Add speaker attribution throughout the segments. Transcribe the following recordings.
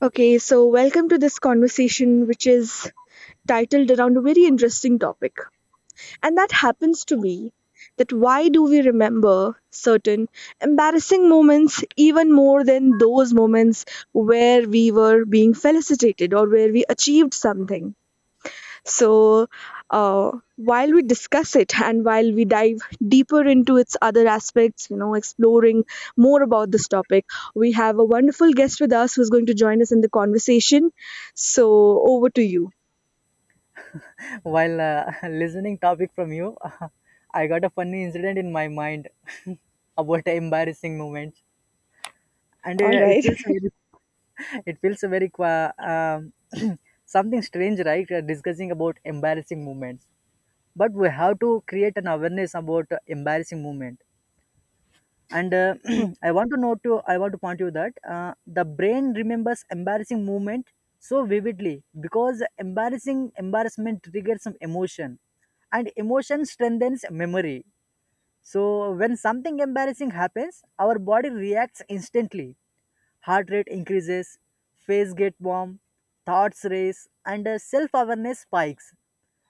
Speaker 1: Okay, so welcome to this conversation, which is titled around a very interesting topic. And that happens to be that why do we remember certain embarrassing moments even more than those moments where we were being felicitated or where we achieved something? So, while we discuss it and while we dive deeper into its other aspects, exploring more about this topic, we have a wonderful guest with us who's going to join us in the conversation. So, over to you.
Speaker 2: While listening topic from you, I got a funny incident in my mind about a embarrassing moments, and
Speaker 1: All
Speaker 2: it
Speaker 1: right.
Speaker 2: feels very it feels very qua- something strange right discussing about embarrassing moments, but we have to create an awareness about embarrassing moment. And I want to point you that the brain remembers embarrassing moment so vividly because embarrassing embarrassment triggers some emotion and emotion strengthens memory. So when something embarrassing happens, our body reacts instantly. Heart rate increases, face gets warm, thoughts race, and self awareness spikes.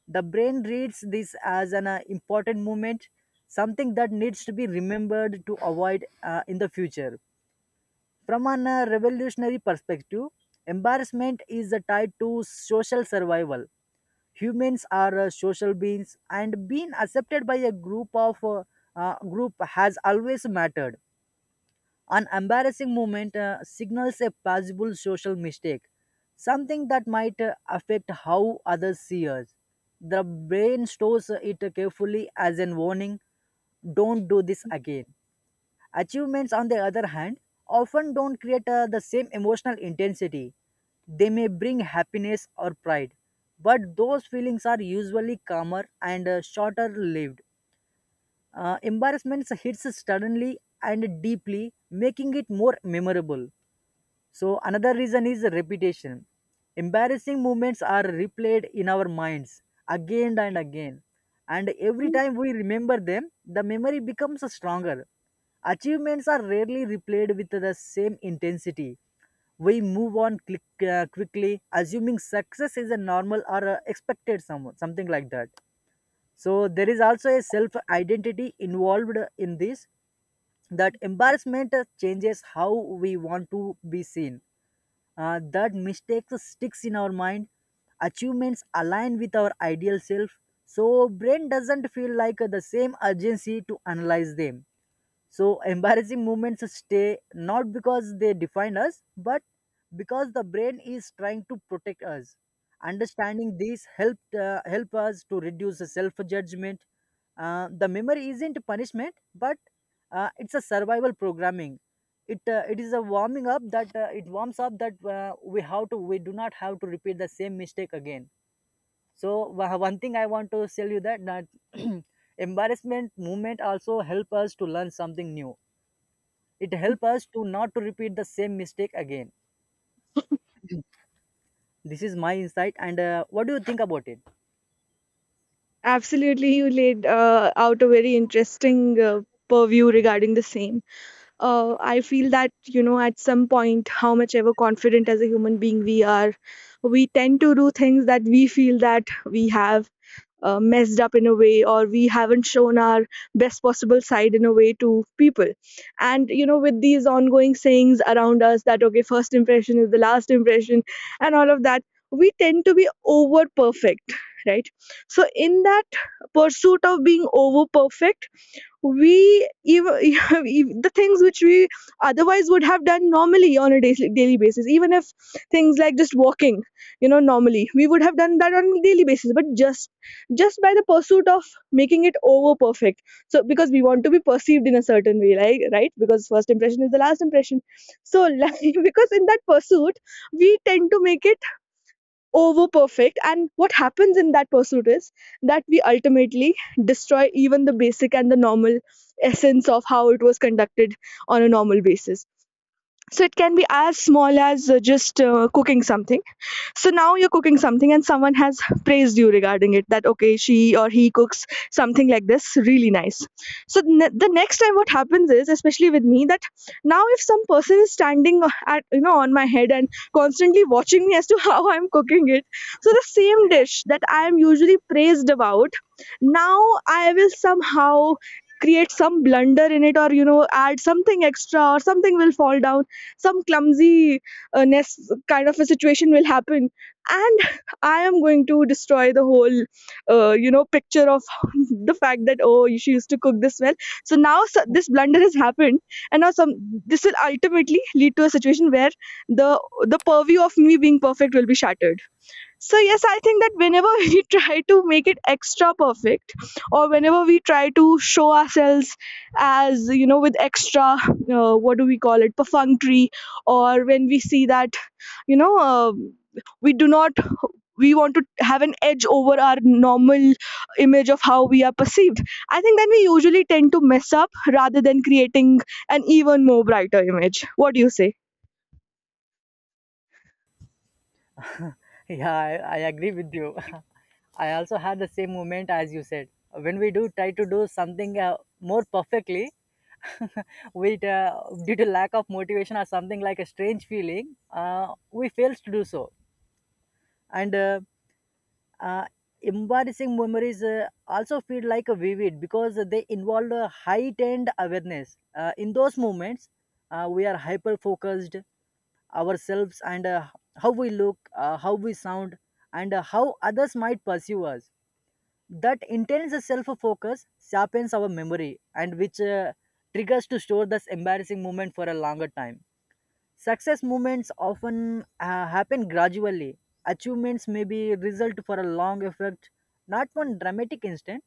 Speaker 2: The brain reads this as an important moment, something that needs to be remembered to avoid in the future. From an revolutionary perspective, embarrassment is tied to social survival. Humans are social beings, and being accepted by a group of group has always mattered. An embarrassing moment signals a possible social mistake, something that might affect how others see us. The brain stores it carefully as a warning: don't do this again. Achievements, on the other hand, often don't create the same emotional intensity. They may bring happiness or pride, but those feelings are usually calmer and shorter lived. Embarrassments hits suddenly and deeply, making it more memorable. So another reason is repetition. Embarrassing moments are replayed in our minds again and again. And every time we remember them, the memory becomes stronger. Achievements are rarely replayed with the same intensity. We move on click, quickly, assuming success is a normal or expected, some, something like that. So there is also a self identity involved in this, that embarrassment changes how we want to be seen. That mistakes sticks in our mind. Achievements align with our ideal self, so brain doesn't feel like the same urgency to analyze them. So embarrassing moments stay not because they define us, but because the brain is trying to protect us. Understanding this help us to reduce the self judgment. The memory isn't punishment, but it's a survival programming. It is a warming up that it warms up that we do not have to repeat the same mistake again. So one thing I want to tell you that embarrassment movement also help us to learn something new. It helps us to not to repeat the same mistake again. This is my insight, and what do you think about it?
Speaker 1: Absolutely, you laid out a very interesting purview regarding the same. I feel that, you know, at some point, how much ever confident as a human being we are, we tend to do things that we feel that we have messed up in a way or we haven't shown our best possible side in a way to people. And you know, with these ongoing sayings around us that okay, first impression is the last impression and all of that, we tend to be over perfect, right? So in that pursuit of being over perfect, we even the things which we otherwise would have done normally on a daily daily basis, even if things like just walking, you know, normally we would have done that on a daily basis, but just by the pursuit of making it over perfect. So because we want to be perceived in a certain way, like, right, because first impression is the last impression, so like, because in that pursuit we tend to make it over perfect, and what happens in that pursuit is that we ultimately destroy even the basic and the normal essence of how it was conducted on a normal basis. So it can be as small as just cooking something. So now you're cooking something and someone has praised you regarding it that, okay, she or he cooks something like this really nice. So the next time what happens is, especially with me, that now if some person is standing at, you know, on my head and constantly watching me as to how I'm cooking it, so the same dish that I am usually praised about, now I will somehow create some blunder in it, or you know, add something extra, or something will fall down. Some clumsy ness kind of a situation will happen, and I am going to destroy the whole you know, picture of the fact that oh, she used to cook this well. So now, so this blunder has happened, and now some this will ultimately lead to a situation where the the purview of me being perfect will be shattered. So yes, I think that whenever we try to make it extra perfect, or whenever we try to show ourselves as, you know, with extra, what do we call it, perfunctory, or when we see that, you know uh, we do not, we want to have an edge over our normal image of how we are perceived. I think then we usually tend to mess up rather than creating an even more brighter image. What do you say?
Speaker 2: Yeah, I agree with you. I also had the same moment as you said. When we do try to do something more perfectly, with due to lack of motivation or something like a strange feeling, we fails to do so. And uh, embarrassing memories also feel like a vivid because they involve a heightened awareness. In those moments, we are hyper focused ourselves, and how we look, how we sound, and how others might perceive us. That intense self focus sharpens our memory, and which triggers to store this embarrassing moment for a longer time. Success movements often happen gradually. Achievements may be result for a long effort, not one dramatic instant.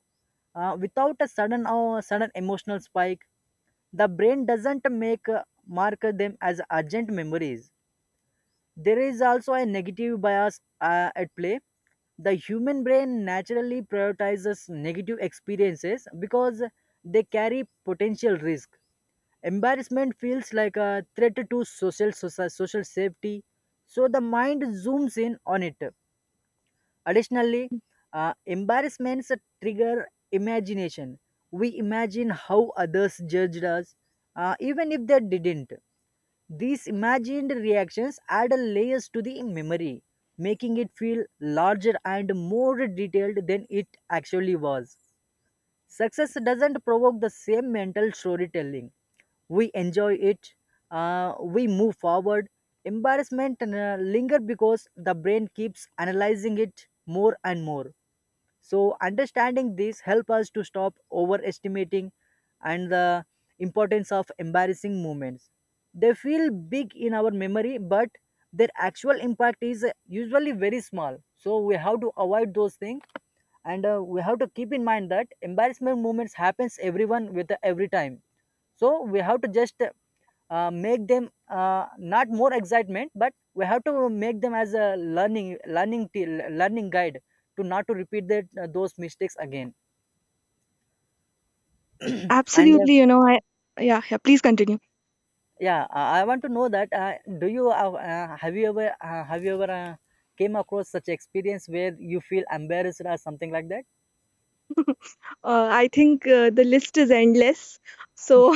Speaker 2: Without a sudden emotional spike, the brain doesn't make mark them as urgent memories. There is also a negative bias at play. The human brain naturally prioritizes negative experiences because they carry potential risk. Embarrassment feels like a threat to social safety, so the mind zooms in on it. Additionally, embarrassments trigger imagination. We imagine how others judged us, even if they didn't. These imagined reactions add layers to the memory, making it feel larger and more detailed than it actually was. Success doesn't provoke the same mental storytelling. We enjoy it, we move forward. Embarrassment linger because the brain keeps analyzing it more and more. So understanding this help us to stop overestimating and the importance of embarrassing moments. They feel big in our memory, but their actual impact is usually very small. So we have to avoid those things, and we have to keep in mind that embarrassment moments happens everyone with every time. So we have to just make them not more excitement, but we have to make them as a learning guide to not to repeat that those mistakes again. And
Speaker 1: Absolutely, you know, I. Yeah, yeah. Please continue.
Speaker 2: yeah, I want to know that do you have you ever came across such experience where you feel embarrassed or something like that?
Speaker 1: I think the list is endless. So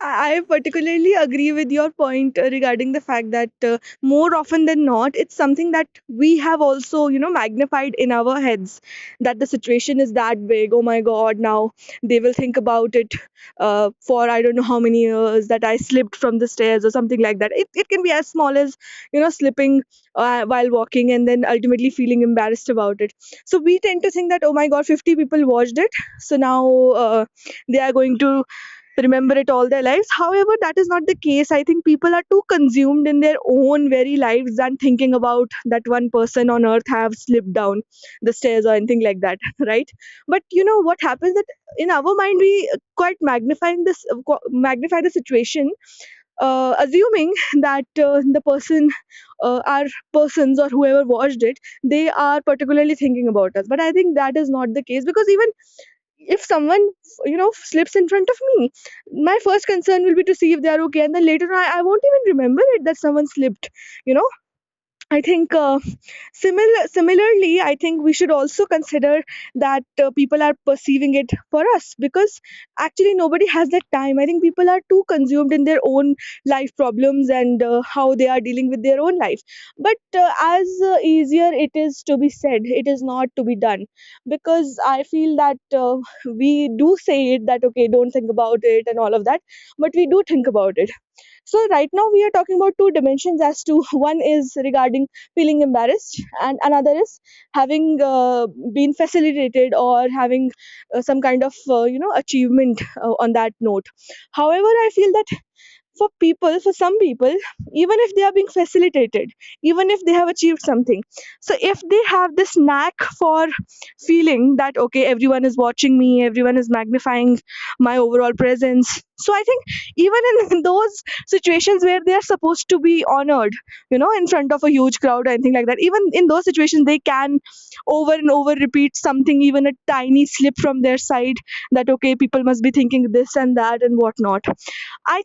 Speaker 1: I particularly agree with your point regarding the fact that more often than not, it's something that we have also, you know, magnified in our heads that the situation is that big. Oh my God, now they will think about it for I don't know how many years that I slipped from the stairs or something like that. It can be as small as, you know, slipping while walking and then ultimately feeling embarrassed about it. So we tend to think that, oh my God, 50 people watched it. So now, uh, they are going to remember it all their lives. However, that is not the case. I think people are too consumed in their own very lives than thinking about that one person on earth have slipped down the stairs or anything like that, right? But you know what happens, that in our mind we quite magnifying this qu- magnify the situation, assuming that the person, our persons or whoever watched it, they are particularly thinking about us. But I think that is not the case, because even if someone, you know, slips in front of me, my first concern will be to see if they are okay, and then later on I won't even remember it that someone slipped, you know. I think similarly, I think we should also consider that people are perceiving it for us, because actually nobody has that time. I think people are too consumed in their own life problems and how they are dealing with their own life. But as easier it is to be said, it is not to be done, because I feel that we do say it that okay, don't think about it and all of that, but we do think about it. So right now we are talking about two dimensions as to one is regarding feeling embarrassed, and another is having been facilitated or having some kind of achievement on that note. However, I feel that for some people, even if they are being facilitated, even if they have achieved something, so if they have this knack for feeling that okay, everyone is watching me, everyone is magnifying my overall presence, so I think even in those situations where they are supposed to be honored, you know, in front of a huge crowd or anything like that, even in those situations they can over and over repeat something, even a tiny slip from their side, that okay, people must be thinking this and that and whatnot. I,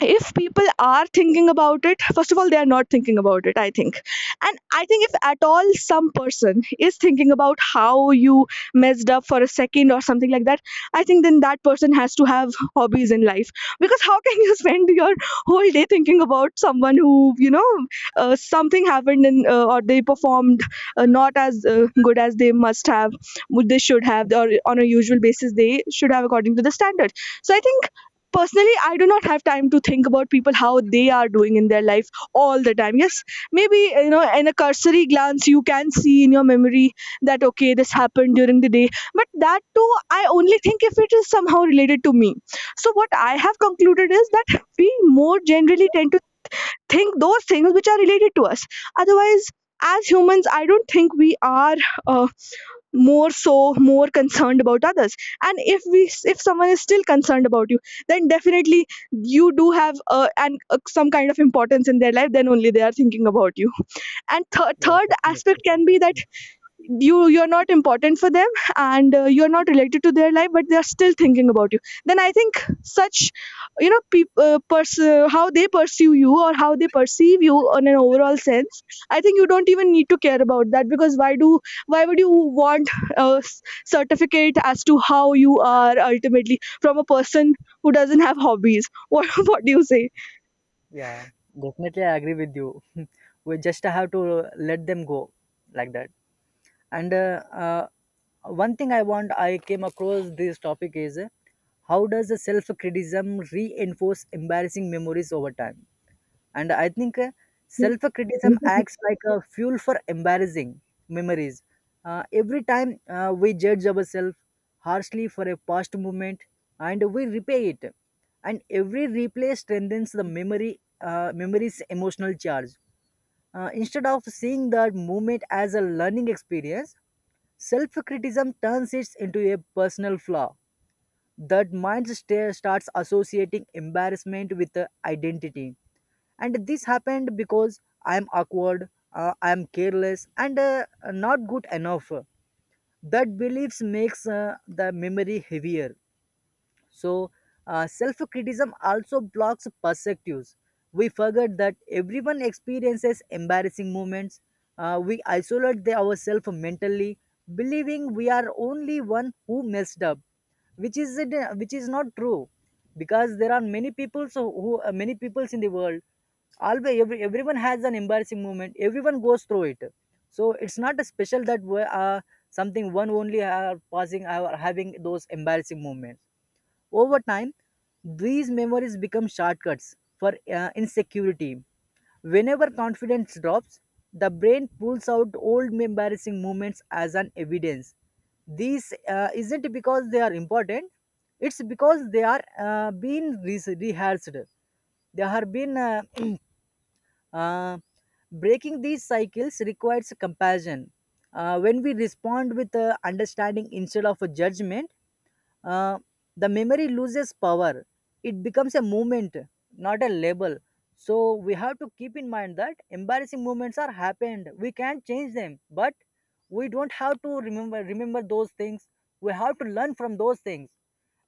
Speaker 1: if people are thinking about it, first of all, they are not thinking about it, I think. And I think if at all some person is thinking about how you messed up for a second or something like that, I think then that person has to have hobbies in life, because how can you spend your whole day thinking about someone who, you know, something happened in or they performed not as good as they must have would they should have, or on a usual basis they should have according to the standard. So I think personally, I do not have time to think about people how they are doing in their life all the time. Yes, maybe, you know, in a cursory glance you can see in your memory that okay, this happened during the day, but that too I only think if it is somehow related to me. So what I have concluded is that we more generally tend to think those things which are related to us. Otherwise, as humans, I don't think we are. Uh, more so, more concerned about others. And if we, if someone is still concerned about you, then definitely you do have an some kind of importance in their life, then only they are thinking about you. And
Speaker 2: yeah
Speaker 1: third aspect can be that you're not important for them, and you're not related to their life, but they're still thinking about you. Then I think, such, you know, how they pursue you or how they perceive you on an overall sense, I think you don't even need to care about that. Because why do, why would you want a certificate as to how you are ultimately from a person who doesn't have hobbies? What do you say?
Speaker 2: yeah, definitely, I agree with you. We just have to let them go like that. And one thing I came across this topic is, how does the self criticism reinforce embarrassing memories over time? And I think self criticism acts like a fuel for embarrassing memories. Every time we judge ourselves harshly for a past moment and we replay it, and every replay strengthens the memory, memory's emotional charge. Instead of seeing that moment as a learning experience, self criticism turns it into a personal flaw. That starts associating embarrassment with identity. And this happened because I'm awkward, I'm careless, and not good enough. That beliefs makes the memory heavier. So, self criticism also blocks perspectives. We forget that everyone experiences embarrassing moments. We isolate ourselves mentally, believing we are only one who messed up, which is it, which is not true, because there are many people so who many peoples in the world. Always, everyone has an embarrassing moment. Everyone goes through it. So it's not a special that something one only are passing or having those embarrassing moments over time. These memories become shortcuts for insecurity. Whenever confidence drops, the brain pulls out old embarrassing moments as an evidence. These isn't because they are important, it's because they are being rehearsed. They have been uh, breaking these cycles requires compassion. When we respond with understanding instead of a judgment, uh, the memory loses power. It becomes a moment, not a label. So we have to keep in mind that embarrassing moments are happened. We can't change them, but we don't have to remember those things. We have to learn from those things,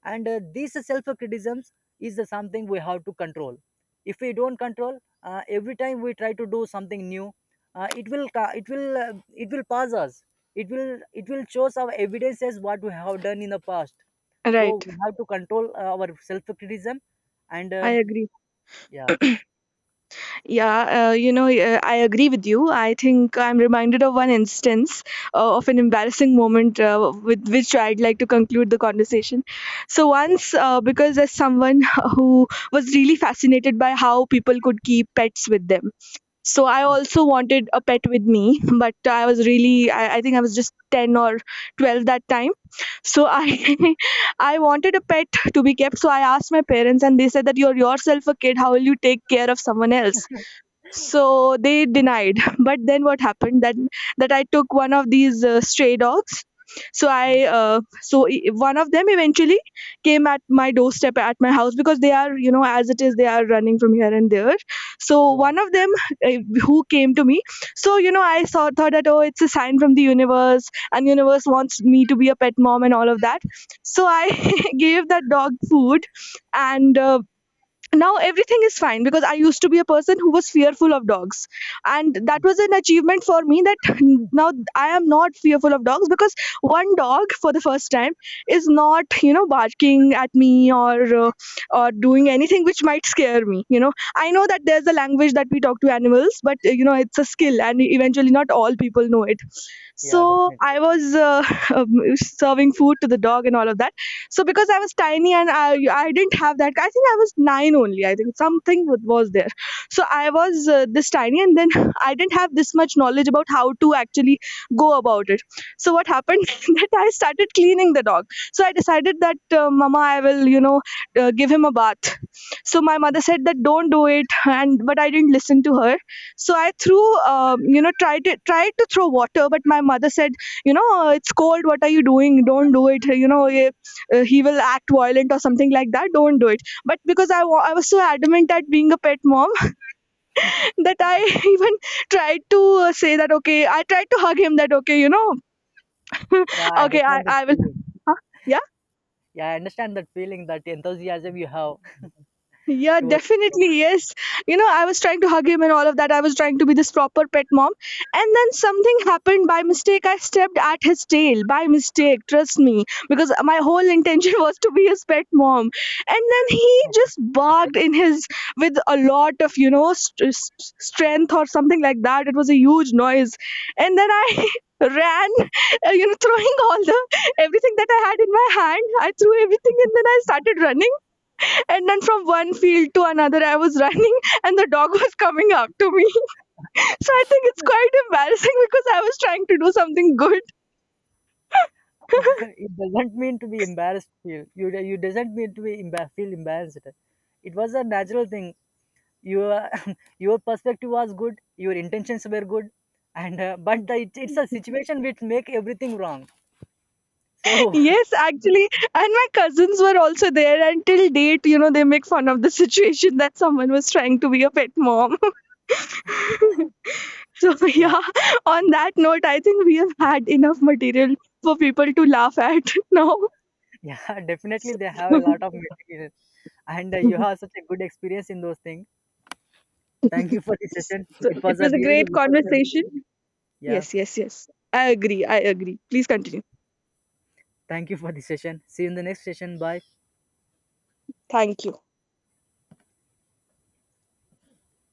Speaker 2: and these self-criticisms is the something we have to control. If we don't control, every time we try to do something new, it will pass us. It will show some evidences what we have done in the past. So
Speaker 1: Right.
Speaker 2: we have to control our self-criticism, and
Speaker 1: I agree.
Speaker 2: yeah,
Speaker 1: Yeah, you know, yeah, I agree with you. I think I'm reminded of one instance of an embarrassing moment with which I'd like to conclude the conversation. So,
Speaker 2: yeah,
Speaker 1: once, because as someone who was really fascinated by how people could keep pets with them, so I
Speaker 2: mm,
Speaker 1: also wanted a pet with me, but I was really, I think I was just 10 or 12 that time. So, I I wanted a pet to be kept. So I asked my parents, and they said that you're yourself a kid. How will you take care of someone else? So they denied. But then what happened, that I took one of these stray dogs. So
Speaker 2: mm,
Speaker 1: one of them eventually came at my doorstep at my house, because they are, you know, as it is, they are running from here and there. So
Speaker 2: yeah,
Speaker 1: one of them, uh, who came to me, so you know, thought that oh, it's a sign from the universe and universe wants me to be a pet mom and all of that. So I gave that dog food. And now everything is fine, because I used to be a person who was fearful of dogs, and that was an achievement for me that now I am not fearful of dogs, because one dog for the first time is not, you know, barking at me or doing anything which might scare me. You know, I know that there's a language that we talk to animals, but you know, it's a skill, and eventually not all people know it.
Speaker 2: yeah,
Speaker 1: So
Speaker 2: definitely.
Speaker 1: I was um, serving food to the dog and all of that. So because I was tiny, and I didn't have that, I think I was nine only. I think something was there. So I was this tiny, and then I didn't have this much knowledge about how to actually go about it. So what happened that I started cleaning the dog. So I decided that, Mama, I will, you know, give him a bath. So my mother said that don't do it, and but I didn't listen to her. So I threw, you know, tried to, tried to throw water, but my mother said, you know, it's cold. What are you doing? Don't do it. You know, he will act violent or something like that. Don't do it." But because I was so adamant at being a pet mom that I even tried to say that okay, I tried to hug him that okay, you know,
Speaker 2: Yeah, I
Speaker 1: okay,
Speaker 2: understand that
Speaker 1: I will.
Speaker 2: feeling.
Speaker 1: Huh?
Speaker 2: Yeah, I understand that feeling, that enthusiasm you have
Speaker 1: Yeah,
Speaker 2: towards.
Speaker 1: definitely. Yes. You know, I was trying to hug him and all of that. I was trying to be this proper pet mom. And then something happened by mistake. I stepped at his tail by mistake. Trust me. Because my whole intention was to be his pet mom. And then he just barked in his, with a lot of, you know, strength or something like that. It was a huge noise. And then I. ran you know, throwing all the everything that I had in my hand, I threw everything, and then I started running. And then from one field to another, I was running and the dog was coming after me. So I think it's quite embarrassing because I was trying to do something good.
Speaker 2: It doesn't mean to be embarrassed. Feel you. You doesn't mean to be feel embarrassed. It was a natural thing. Your your perspective was good. Your intentions were good, and but the, it, it's a situation which make everything wrong. So
Speaker 1: Yes, actually. And my cousins were also there. And till date, you know, they make fun of the situation that someone was trying to be a pet mom. So,
Speaker 2: yeah.
Speaker 1: yeah, on that note, I think we have had enough material for people to laugh at now.
Speaker 2: Yeah, definitely they have
Speaker 1: So
Speaker 2: a lot of material. And you have such a good experience in those things. Thank you for the session. It
Speaker 1: it
Speaker 2: was a
Speaker 1: was a
Speaker 2: really
Speaker 1: great
Speaker 2: wonderful session.
Speaker 1: conversation.
Speaker 2: Yeah,
Speaker 1: Yes, yes, yes. I agree. I agree. Please continue.
Speaker 2: thank you for the session. See you in the next session. Bye.
Speaker 1: Thank you.